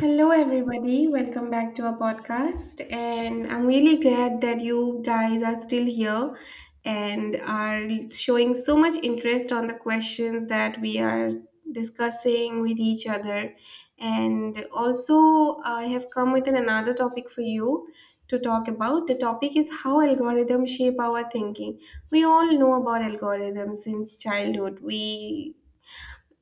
Hello, everybody. Welcome back to our podcast. And I'm really glad that you guys are still here and are showing so much interest on the questions that we are discussing with each other. And also, I have come with an another topic for you to talk about. The topic is how algorithms shape our thinking. We all know about algorithms since childhood. We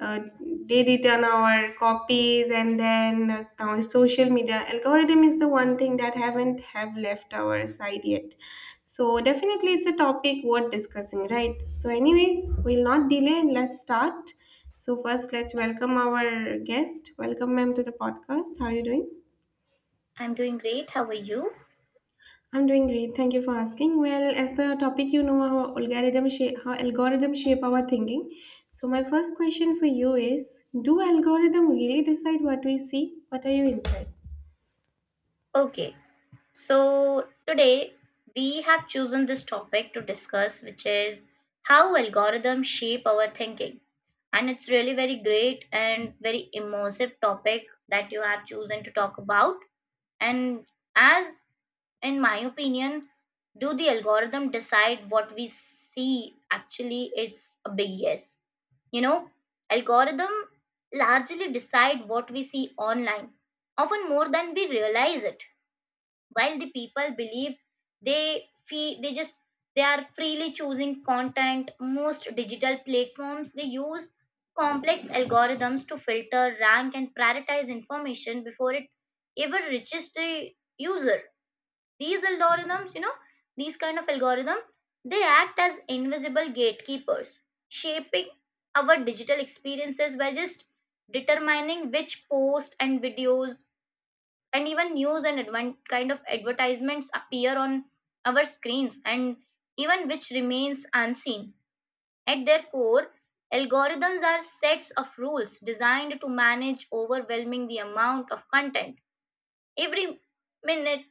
uh, they return our copies, and then now social media algorithm is the one thing that haven't have left our side yet, so definitely it's a topic worth discussing, right? So anyways, we'll not delay and let's start. So first, let's welcome our guest. Welcome, ma'am, to the podcast. How are you doing? I'm doing great. How are you? I'm doing great. Thank you for asking. Well, as the topic, you know, how algorithm shape our thinking. So my first question for you is: do algorithm really decide what we see? What are your insights? Okay, so today we have chosen this topic to discuss, which is how algorithms shape our thinking. And it's really very great and very immersive topic that you have chosen to talk about. And as in my opinion, do the algorithm decide what we see actually is a big yes. You know, algorithm largely decide what we see online, often more than we realize it. While the people believe they fee, they just they are freely choosing content, most digital platforms they use complex algorithms to filter, rank, and prioritize information before it ever reaches the user. These algorithms, you know, these kind of algorithm, they act as invisible gatekeepers, shaping our digital experiences by just determining which posts and videos and even news and kind of advertisements appear on our screens and even which remains unseen. At their core, algorithms are sets of rules designed to manage overwhelming the amount of content. Every minute,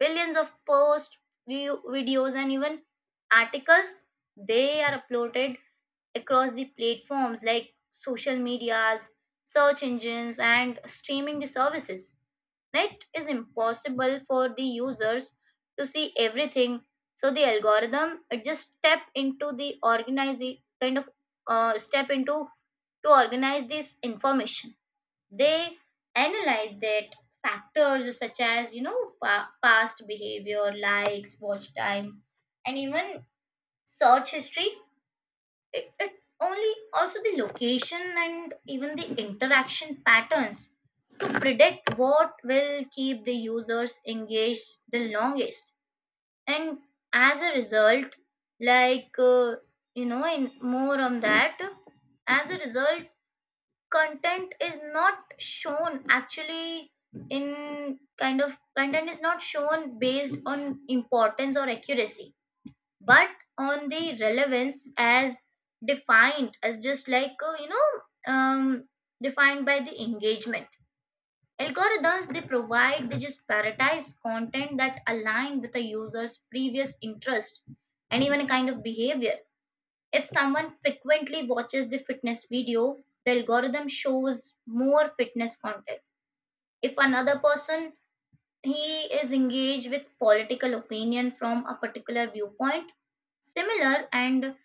billions of posts, view, videos, and even articles they are uploaded across the platforms like social medias, search engines, and streaming services. It is impossible for the users to see everything, so the algorithm it just kind of step into to organize this information. They analyze that factors such as you know past behavior, likes, watch time, and even search history. It only also the location and even the interaction patterns to predict what will keep the users engaged the longest. And as a result, like you know in more on that as a result content is not shown actually in content is not shown based on importance or accuracy, but on the relevance as defined as just defined by the engagement. Algorithms they provide they just prioritize content that align with a user's previous interest and even a kind of behavior. If someone frequently watches the fitness video, the algorithm shows more fitness content. If another person he is engaged with political opinion from a particular viewpoint, similar and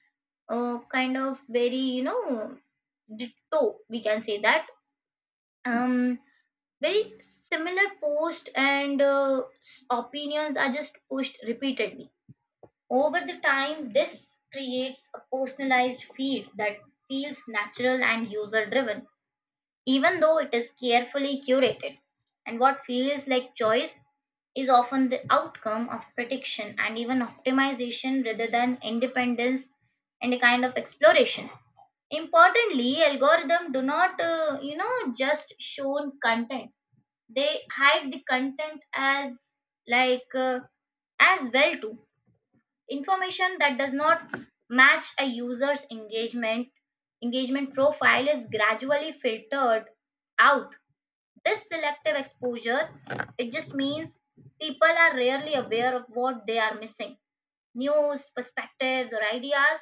kind of very, you know, ditto we can say that, um very similar post and opinions are just pushed repeatedly. Over the time, this creates a personalized feed that feels natural and user driven, even though it is carefully curated. And what feels like choice is often the outcome of prediction and even optimization rather than independence and a kind of exploration. Importantly, algorithms do not, you know, just shown content. They hide the content as like uh, as well too. Information that does not match a user's engagement profile is gradually filtered out. This selective exposure, it just means people are rarely aware of what they are missing. News, perspectives, or ideas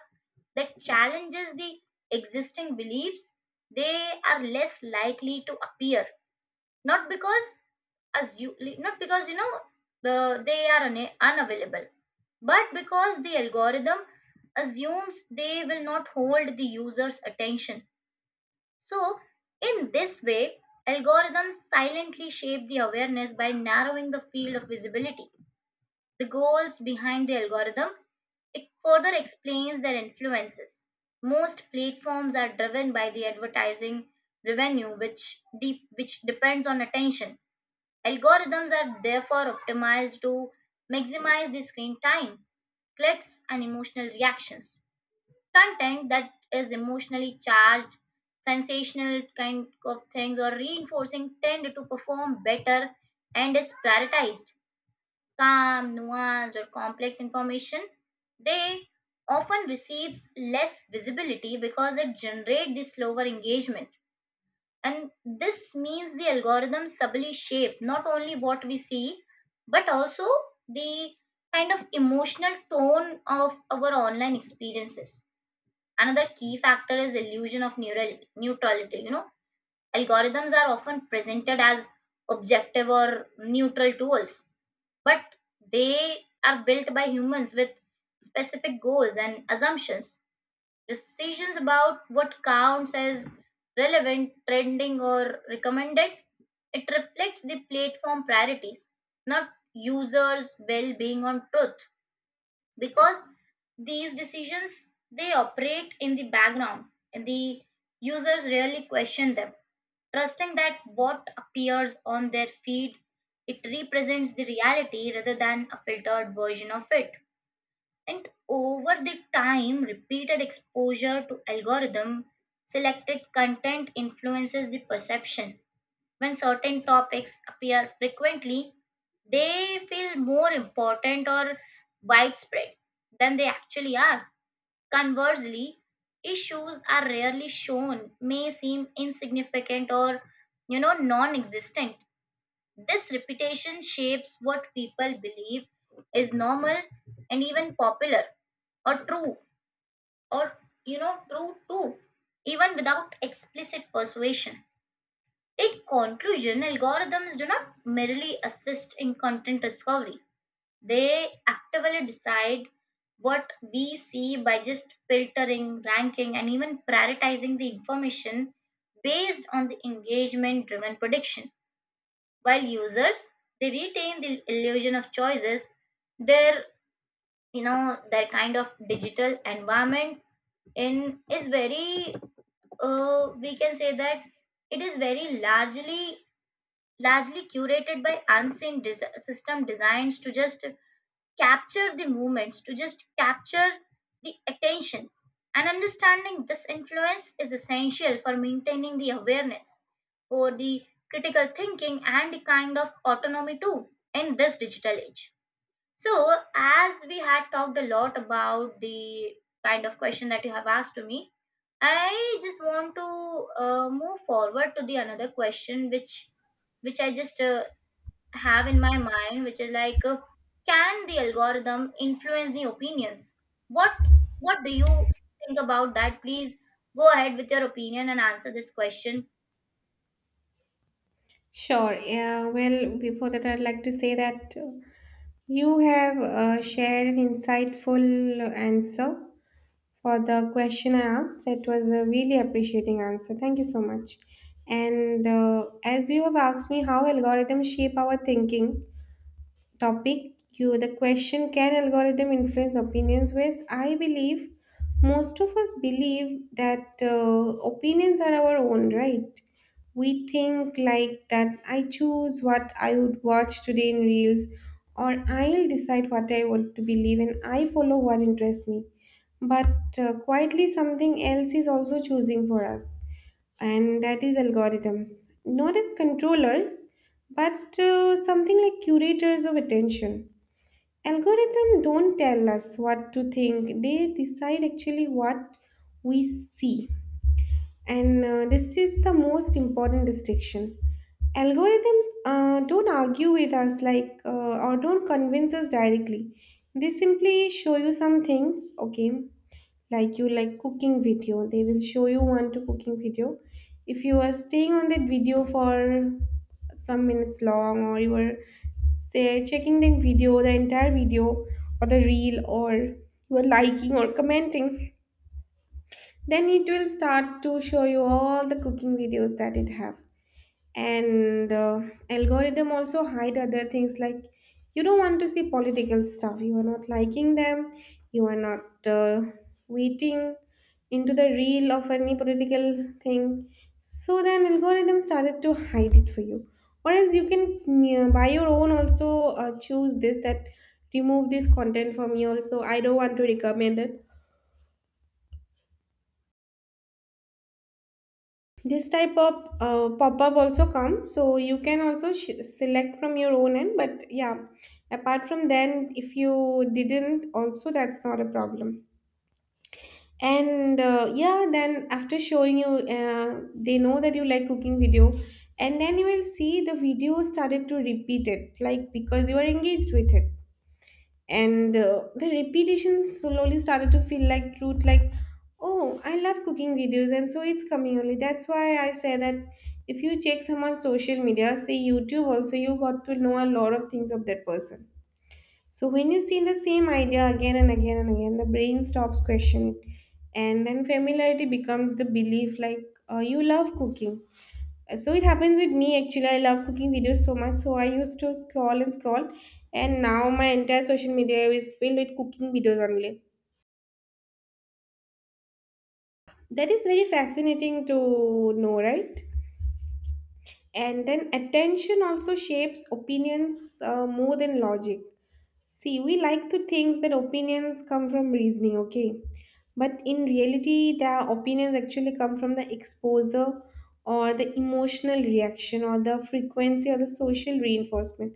that challenges the existing beliefs, they are less likely to appear, not because as you not because you know they are unavailable, but because the algorithm assumes they will not hold the user's attention. So in this way algorithms silently shape the awareness by narrowing the field of visibility. The goals behind the algorithm it further explains their influences. Most platforms are driven by the advertising revenue which depends on attention. Algorithms are therefore optimized to maximize the screen time, clicks, and emotional reactions. Content that is emotionally charged, sensational kind of things, or reinforcing tend to perform better and is prioritized. Calm, nuanced, or complex information, they often receives less visibility because it generates the slower engagement. And this means the algorithms subtly shape not only what we see, but also the kind of emotional tone of our online experiences. Another key factor is illusion of neural neutrality. You know, algorithms are often presented as objective or neutral tools, but they are built by humans with specific goals and assumptions. Decisions about what counts as relevant, trending, or recommended. It reflects the platform priorities, not users' well being on truth. Because these decisions they operate in the background and the users rarely question them, trusting that what appears on their feed it represents the reality rather than a filtered version of it. And over the time, repeated exposure to algorithm selected content influences the perception. When certain topics appear frequently, they feel more important or widespread than they actually are. Conversely, issues are rarely shown may seem insignificant or you know non-existent. This repetition shapes what people believe is normal and even popular or true, or true too, even without explicit persuasion. In conclusion, algorithms do not merely assist in content discovery. They actively decide what we see by just filtering, ranking, and even prioritizing the information based on the engagement driven prediction. While users they retain the illusion of choices, their, you know, their kind of digital environment in is very, we can say that, it is very largely curated by unseen system designs to just capture the movements, to just capture the attention. And understanding this influence is essential for maintaining the awareness, for the critical thinking, and the kind of autonomy too in this digital age. So, as we had talked a lot about the kind of question that you have asked to me, I just want to move forward to the another question, which I just have in my mind, which is like, can the algorithm influence the opinions? What What do you think about that? Please go ahead with your opinion and answer this question. Sure. Yeah. Well, before that, I'd like to say that you have shared an insightful answer for the question I asked. It was a really appreciating answer. Thank you so much. And as you have asked me how algorithms shape our thinking, topic you the question can algorithm influence opinions waste, I believe most of us believe that opinions are our own, right? We think like that. I choose what I would watch today in reels, or I'll decide what I want to believe, and I follow what interests me. But quietly something else is also choosing for us, and that is algorithms, not as controllers, but something like curators of attention. Algorithms don't tell us what to think, they decide actually what we see. And this is the most important distinction. Algorithms don't argue with us, like or don't convince us directly. They simply show you some things, okay, like you like cooking video, they will show you one to cooking video. If you are staying on that video for some minutes long, or you are say checking the video, the entire video or the reel, or you are liking or commenting, then it will start to show you all the cooking videos that it have. And algorithm also hide other things. Like, you don't want to see political stuff, you are not liking them, you are not waiting into the reel of any political thing. So then algorithm started to hide it for you. Or else you can, yeah, by your own also choose this, that remove this content from me also, I don't want to recommend it. This type of pop-up also comes, so you can also select from your own end. But yeah, apart from then, if you didn't also, that's not a problem. And yeah, then after showing you, they know that you like cooking video, and then you will see the video started to repeat it, like because you are engaged with it. And the repetition slowly started to feel like truth, like oh, I love cooking videos, and so it's coming only. That's why I say that if you check someone's social media, say YouTube also, you got to know a lot of things of that person. So when you see the same idea again and again and again, the brain stops questioning, and then familiarity becomes the belief. Like you love cooking. So it happens with me actually. I love cooking videos so much, so I used to scroll and scroll, and now my entire social media is filled with cooking videos only. That is very fascinating to know, right? And then attention also shapes opinions more than logic. See, we like to think that opinions come from reasoning, okay? But in reality, the opinions actually come from the exposure or the emotional reaction or the frequency or the social reinforcement.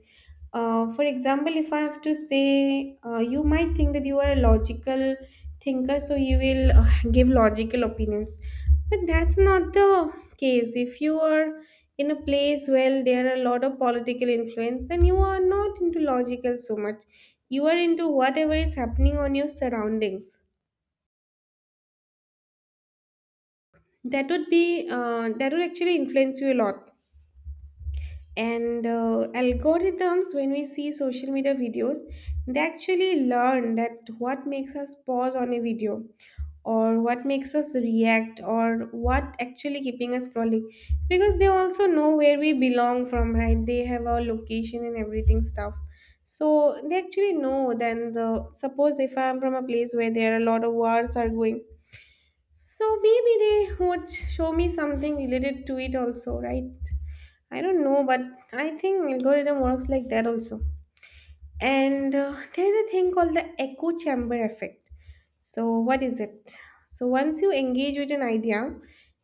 For example, if I have to say, you might think that you are a logical thinker, so you will give logical opinions. But that's not the case. If you are in a place where there are a lot of political influence, then you are not into logical so much. You are into whatever is happening on your surroundings. That would be that would actually influence you a lot. And algorithms, when we see social media videos, they actually learn that what makes us pause on a video, or what makes us react, or what actually keeping us scrolling, because they also know where we belong from, right? They have our location and everything stuff. So they actually know then the, suppose if I'm from a place where there are a lot of wars are going, so maybe they would show me something related to it also, right? I don't know, but I think algorithm works like that also. And there's a thing called the echo chamber effect. So what is it? So once you engage with an idea,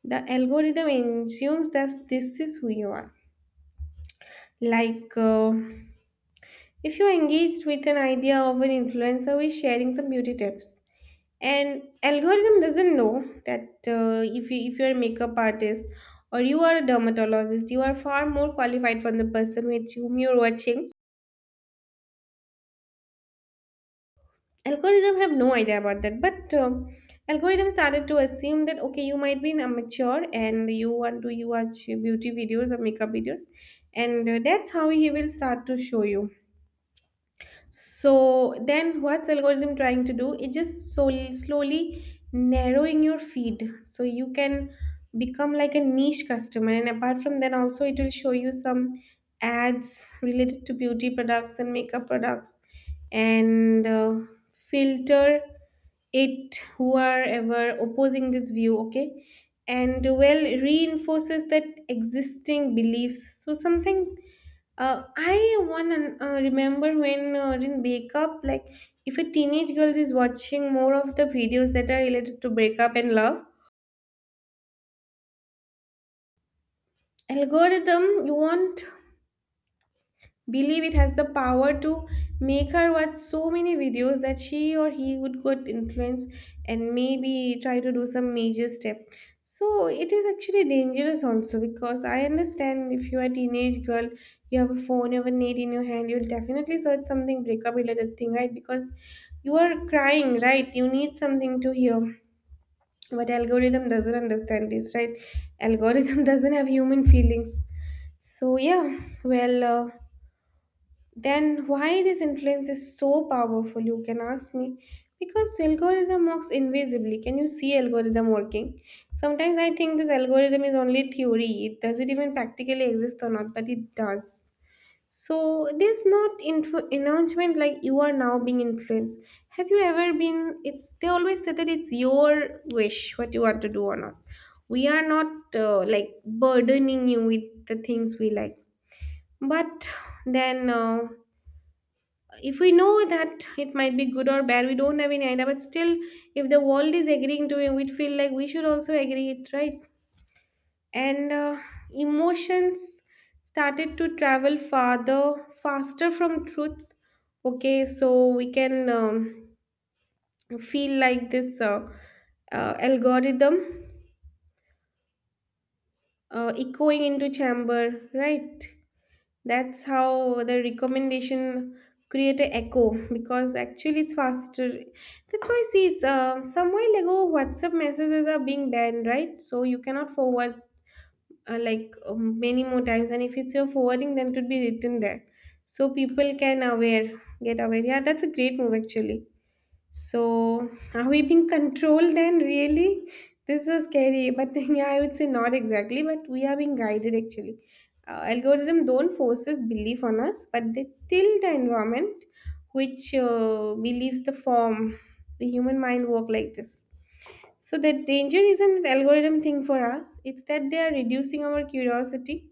the algorithm assumes that this is who you are. Like if you're engaged with an idea of an influencer who is sharing some beauty tips, and algorithm doesn't know that, if you're a makeup artist or you are a dermatologist, you are far more qualified from the person with whom you're watching. Algorithm have no idea about that. But algorithm started to assume that okay, you might be immature and you want to, you watch beauty videos or makeup videos. And that's how he will start to show you. So then what's algorithm trying to do? It just so slowly narrowing your feed so you can become like a niche customer. And apart from that also, it will show you some ads related to beauty products and makeup products, and filter it who are ever opposing this view, okay? And well, reinforces that existing beliefs. So something, I one remember when in breakup, like if a teenage girl is watching more of the videos that are related to breakup and love, algorithm, you want, believe it has the power to make her watch so many videos that she or he would get influence and maybe try to do some major step. So it is actually dangerous also, because I understand, if you are a teenage girl, you have a phone, you have a need in your hand, you'll definitely search something breakup related thing, right? Because you are crying, right? You need something to hear. But algorithm doesn't understand this, right? Algorithm doesn't have human feelings. So yeah. Well then why this influence is so powerful, you can ask me. Because algorithm works invisibly. Can you see algorithm working? Sometimes I think this algorithm is only theory, it does, it even practically exist or not, but it does. So there's not announcement like you are now being influenced, have you ever been, it's, they always say that it's your wish what you want to do or not. We are not like burdening you with the things we like. But then if we know that it might be good or bad, we don't have any idea, but still, if the world is agreeing to it, we feel like we should also agree it, right? And emotions started to travel farther faster from truth, okay? So we can feel like this algorithm echoing into chamber, right? That's how the recommendation create a echo, because actually it's faster. That's why, see, some while ago WhatsApp messages are being banned, right? So you cannot forward like many more times, and if it's your forwarding, then it would be written there, so people can aware, get aware. Yeah, that's a great move actually. So, are we being controlled then? Really? This is scary, but yeah, I would say not exactly, but we are being guided actually. Algorithm don't forces belief on us, but they tilt the environment which believes the form. The human mind work like this. So the danger isn't the algorithm thing for us. It's that they are reducing our curiosity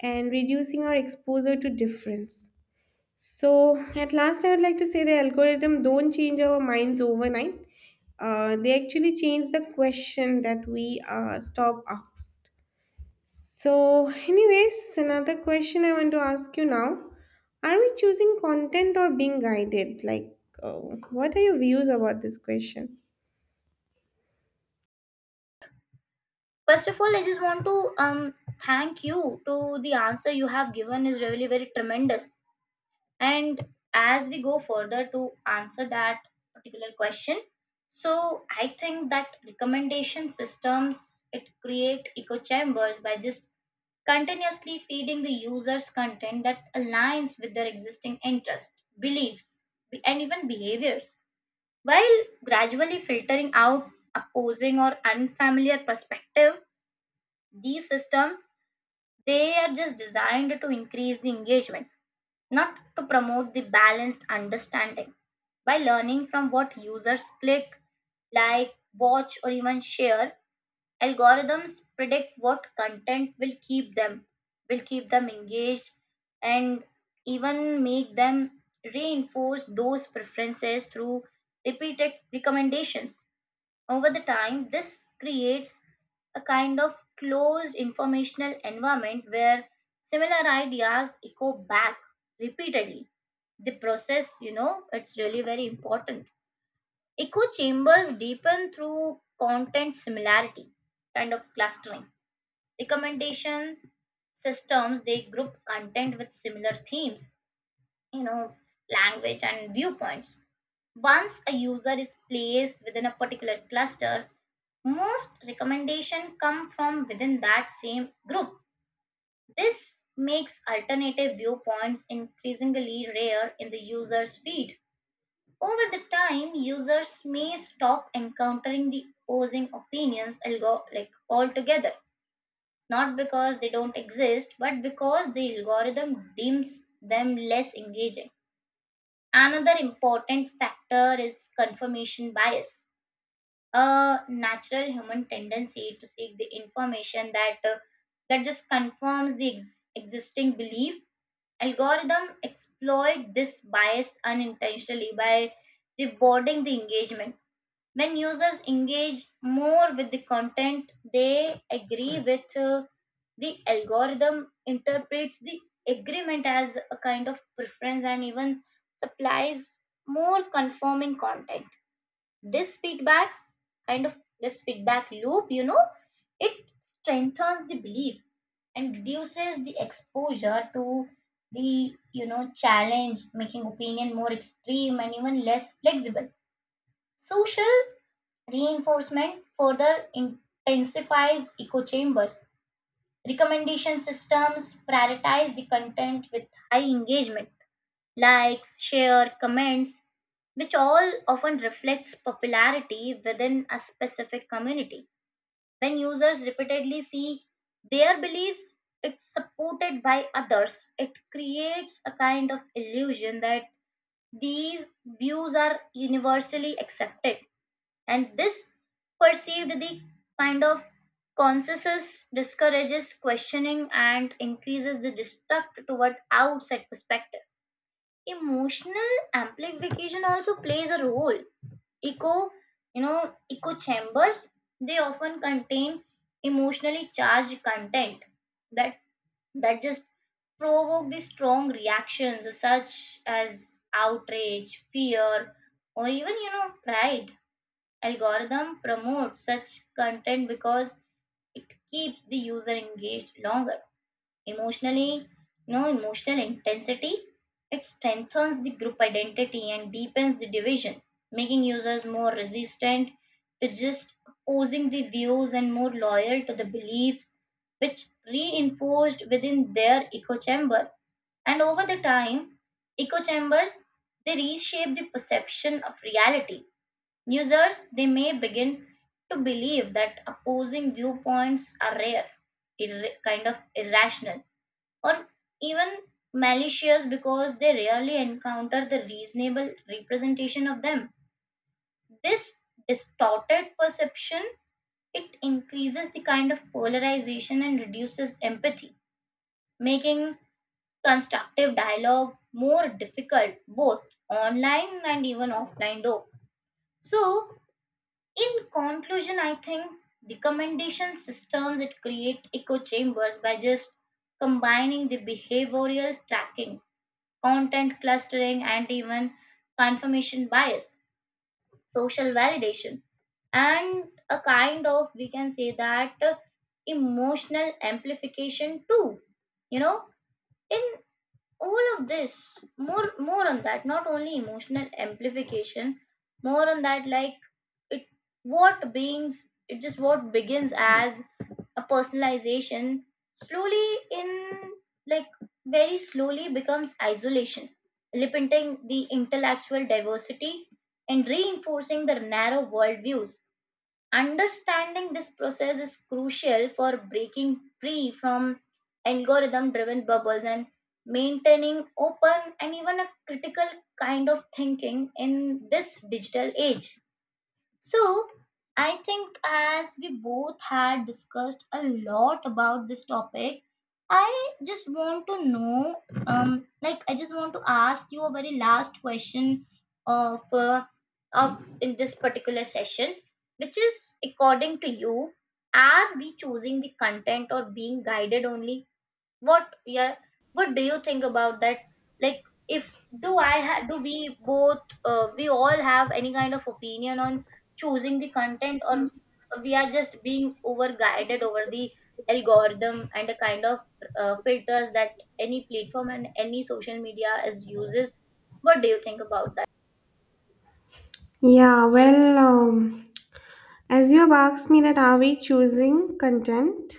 and reducing our exposure to difference. So, at last, I would like to say the algorithm don't change our minds overnight. They actually change the question that we stop asked. So, anyways, another question I want to ask you now: are we choosing content or being guided? Like, uh, what are your views about this question? First of all, I just want to thank you to the answer you have given is really very tremendous. And as we go further to answer that particular question, so I think that recommendation systems it create echo chambers by just continuously feeding the users content that aligns with their existing interests, beliefs, and even behaviors, while gradually filtering out opposing or unfamiliar perspective. These systems they are just designed to increase the engagement, not to promote the balanced understanding. By learning from what users click, like, watch, or even share, algorithms predict what content will keep them engaged and even make them reinforce those preferences through repeated recommendations. Over the time this creates a kind of closed informational environment where similar ideas echo back repeatedly. The process, you know, it's really very important. Echo chambers deepen through content similarity, kind of clustering. Recommendation systems they group content with similar themes, you know, language and viewpoints. Once a user is placed within a particular cluster, most recommendations come from within that same group. This makes alternative viewpoints increasingly rare in the user's feed. Over the time, users may stop encountering the opposing opinions altogether, not because they don't exist, but because the algorithm deems them less engaging. Another important factor is confirmation bias, a natural human tendency to seek the information that just confirms the existing belief. Algorithm exploit this bias unintentionally by rewarding the engagement. When users engage more with the content, they agree with, the algorithm interprets the agreement as a kind of preference and even supplies more conforming content. This feedback kind of loop, you know, it strengthens the belief and reduces the exposure to the, you know, challenge, making opinion more extreme and even less flexible. Social reinforcement further intensifies echo chambers. Recommendation systems prioritize the content with high engagement, likes, share, comments, which all often reflects popularity within a specific community. When users repeatedly see their beliefs it's supported by others, it creates a kind of illusion that these views are universally accepted. And this perceived the kind of consensus discourages questioning and increases the distrust toward outside perspective. Emotional amplification also plays a role. Echo you know echo chambers they often contain emotionally charged content that just provoke the strong reactions such as outrage, fear, or even, you know, pride. Algorithm promotes such content because it keeps the user engaged longer. Emotionally, you know, emotional intensity, it strengthens the group identity and deepens the division, making users more resistant to just opposing the views and more loyal to the beliefs which reinforced within their echo chamber. And over the time, echo chambers they reshape the perception of reality. Users they may begin to believe that opposing viewpoints are rare, kind of irrational, or even malicious because they rarely encounter the reasonable representation of them. This distorted perception it increases the kind of polarization and reduces empathy, making constructive dialogue more difficult, both online and even offline though. So, in conclusion, I think the commendation systems it create echo chambers by just combining the behavioral tracking, content clustering, and even confirmation bias, social validation, and a kind of, we can say that, emotional amplification too. You know, in all of this, more on that, not only emotional amplification, more on that like it what beings it just what begins as a personalization slowly in like very slowly becomes isolation, limiting the intellectual diversity and reinforcing the narrow worldviews. Understanding this process is crucial for breaking free from algorithm driven bubbles and maintaining open and even a critical kind of thinking in this digital age. So, I think as we both had discussed a lot about this topic, I just want to know, like I just want to ask you a very last question of in this particular session, which is according to you, are we choosing the content or being guided only? what yeah what do you think about that, like, if do we both, we all have any kind of opinion on choosing the content, or we are just being over guided over the algorithm and the kind of filters that any platform and any social media is uses? What do you think about that? Yeah, well, as you have asked me that are we choosing content?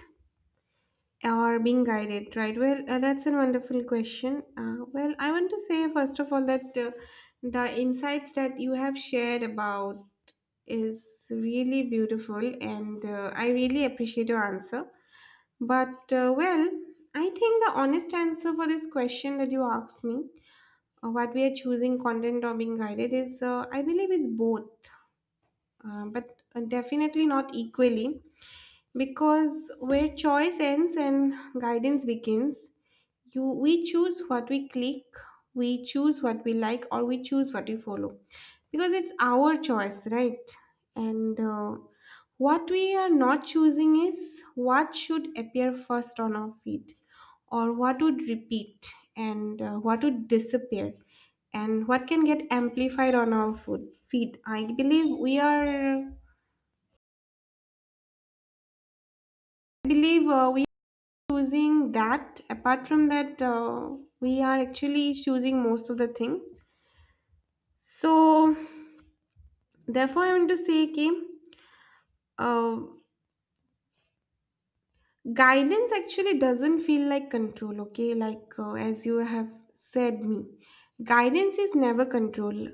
Or being guided, right? Well, that's a wonderful question. Well, I want to say first of all that, the insights that you have shared about is really beautiful, and I really appreciate your answer. But well, I think the honest answer for this question that you asked me, what we are choosing, content or being guided, is I believe it's both, but definitely not equally. Because where choice ends and guidance begins, you we choose what we click, we choose what we like, or we choose what we follow, because it's our choice, right? and What we are not choosing is what should appear first on our feed, or what would repeat, and what would disappear, and what can get amplified on our food feed. I believe we are I believe we are choosing that. Apart from that, we are actually choosing most of the things. So therefore, I want to say, okay, uh, guidance actually doesn't feel like control, okay? Like, as you have said me, guidance is never control.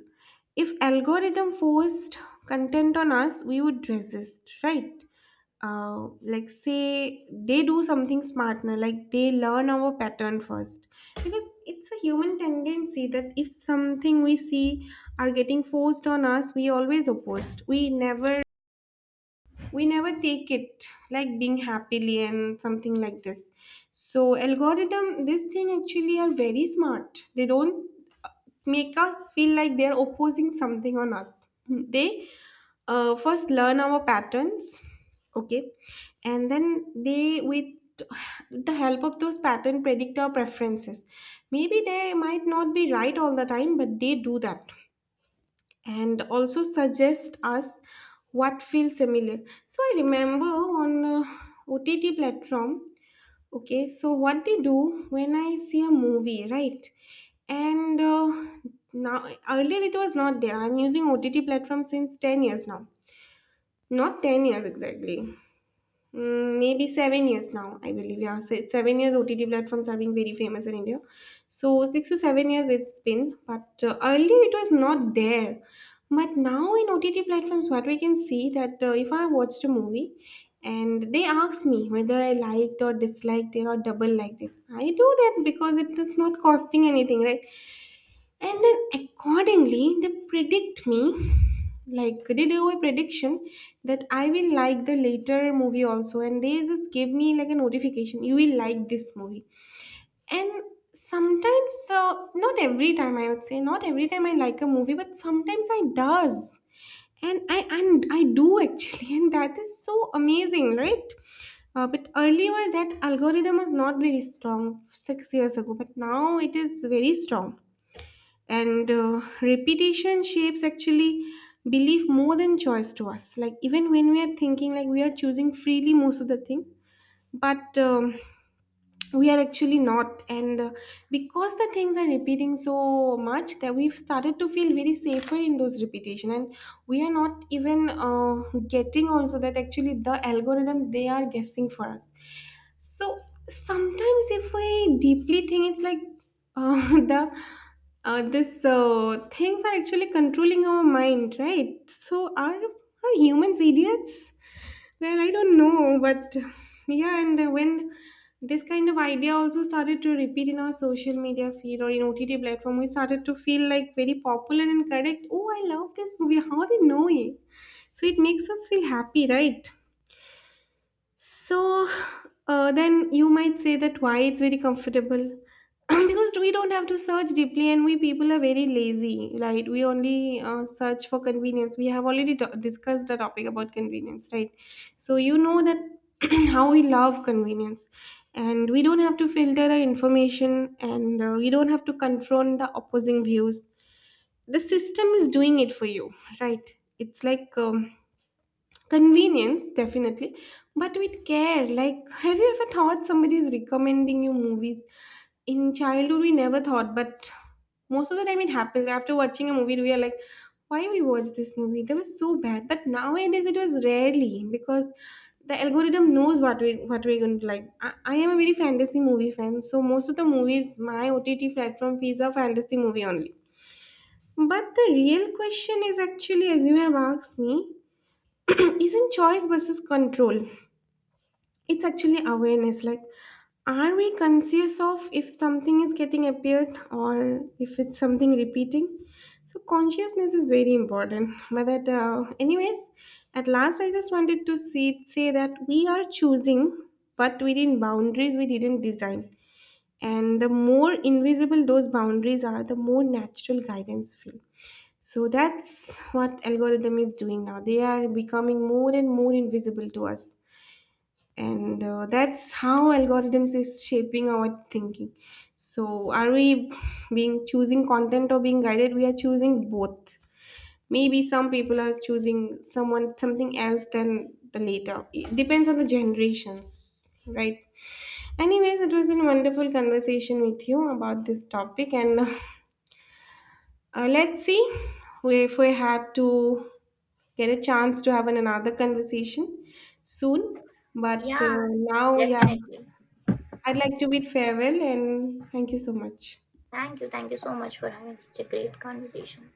If algorithm forced content on us, we would resist, right? Like say they do something smarter, like they learn our pattern first, because it's a human tendency that if something we see are getting forced on us, we always opposed. We never take it like being happily and something like this. So algorithm, this thing actually are very smart. They don't uh, make us feel like they're opposing something on us. They first learn our patterns, okay, and then they with the help of those pattern predict our preferences. Maybe they might not be right all the time, but they do that, and also suggest us what feels similar. So I remember on OTT platform, okay, so what they do when I see a movie, right? and Now earlier it was not there. I'm using OTT platform since 10 years now. Not 10 years exactly. Mm, maybe 7 years now, I believe. Yeah, 7 years OTT platforms are being very famous in India. So 6 to 7 years it's been, but earlier it was not there. But now in OTT platforms, what we can see that, if I watched a movie and they ask me whether I liked or disliked it or double liked it, I do that because it is not costing anything, right? And then accordingly they predict me, like they do a prediction that I will like the later movie also, and they just give me like a notification, you will like this movie. And sometimes, not every time, I would say not every time I like a movie, but sometimes I does. And I do actually and that is so amazing, right? But earlier that algorithm was not very strong 6 years ago, but now it is very strong. And repetition shapes actually belief more than choice to us. Like even when we are thinking like we are choosing freely most of the thing, but we are actually not. And because the things are repeating so much that we've started to feel very safer in those repetition, and we are not even getting also that actually the algorithms they are guessing for us. So sometimes, if we deeply think, it's like the this things are actually controlling our mind, right? So are humans idiots? Well, I don't know, but yeah. And when this kind of idea also started to repeat in our social media feed or in OTT platform, we started to feel like very popular and correct. Oh, I love this movie. How they know it? So it makes us feel happy, right? So then you might say that why it's very comfortable, because we don't have to search deeply, and we people are very lazy, right? We only search for convenience. We have already discussed the topic about convenience, right? So you know that how we love convenience, and we don't have to filter the information, and we don't have to confront the opposing views. The system is doing it for you, right? It's like convenience, definitely, but with care. Like, have you ever thought somebody is recommending you movies? In childhood, we never thought, but most of the time it happens. After watching a movie, we are like, why we watched this movie? That was so bad. But nowadays, it was rarely, because the algorithm knows what we're going to like. I am a very fantasy movie fan, so most of the movies my OTT platform feeds are fantasy movie only. But the real question is actually, as you have asked me, isn't choice versus control, it's actually awareness. Like, are we conscious of if something is getting appeared or if it's something repeating? So consciousness is very important, but that, anyways, at last I just wanted to say that we are choosing, but within boundaries we didn't design. And the more invisible those boundaries are, the more natural guidance feel. So that's what algorithm is doing now. They are becoming more and more invisible to us. And that's how algorithms is shaping our thinking. So are we being choosing content or being guided? We are choosing both. Maybe some people are choosing someone something else than the later. It depends on the generations, right? Anyways, it was a wonderful conversation with you about this topic, and let's see if we have to get a chance to have another conversation soon. But Yeah, now, yeah, definitely. I'd like to bid farewell and thank you so much. Thank you, so much for having such a great conversation.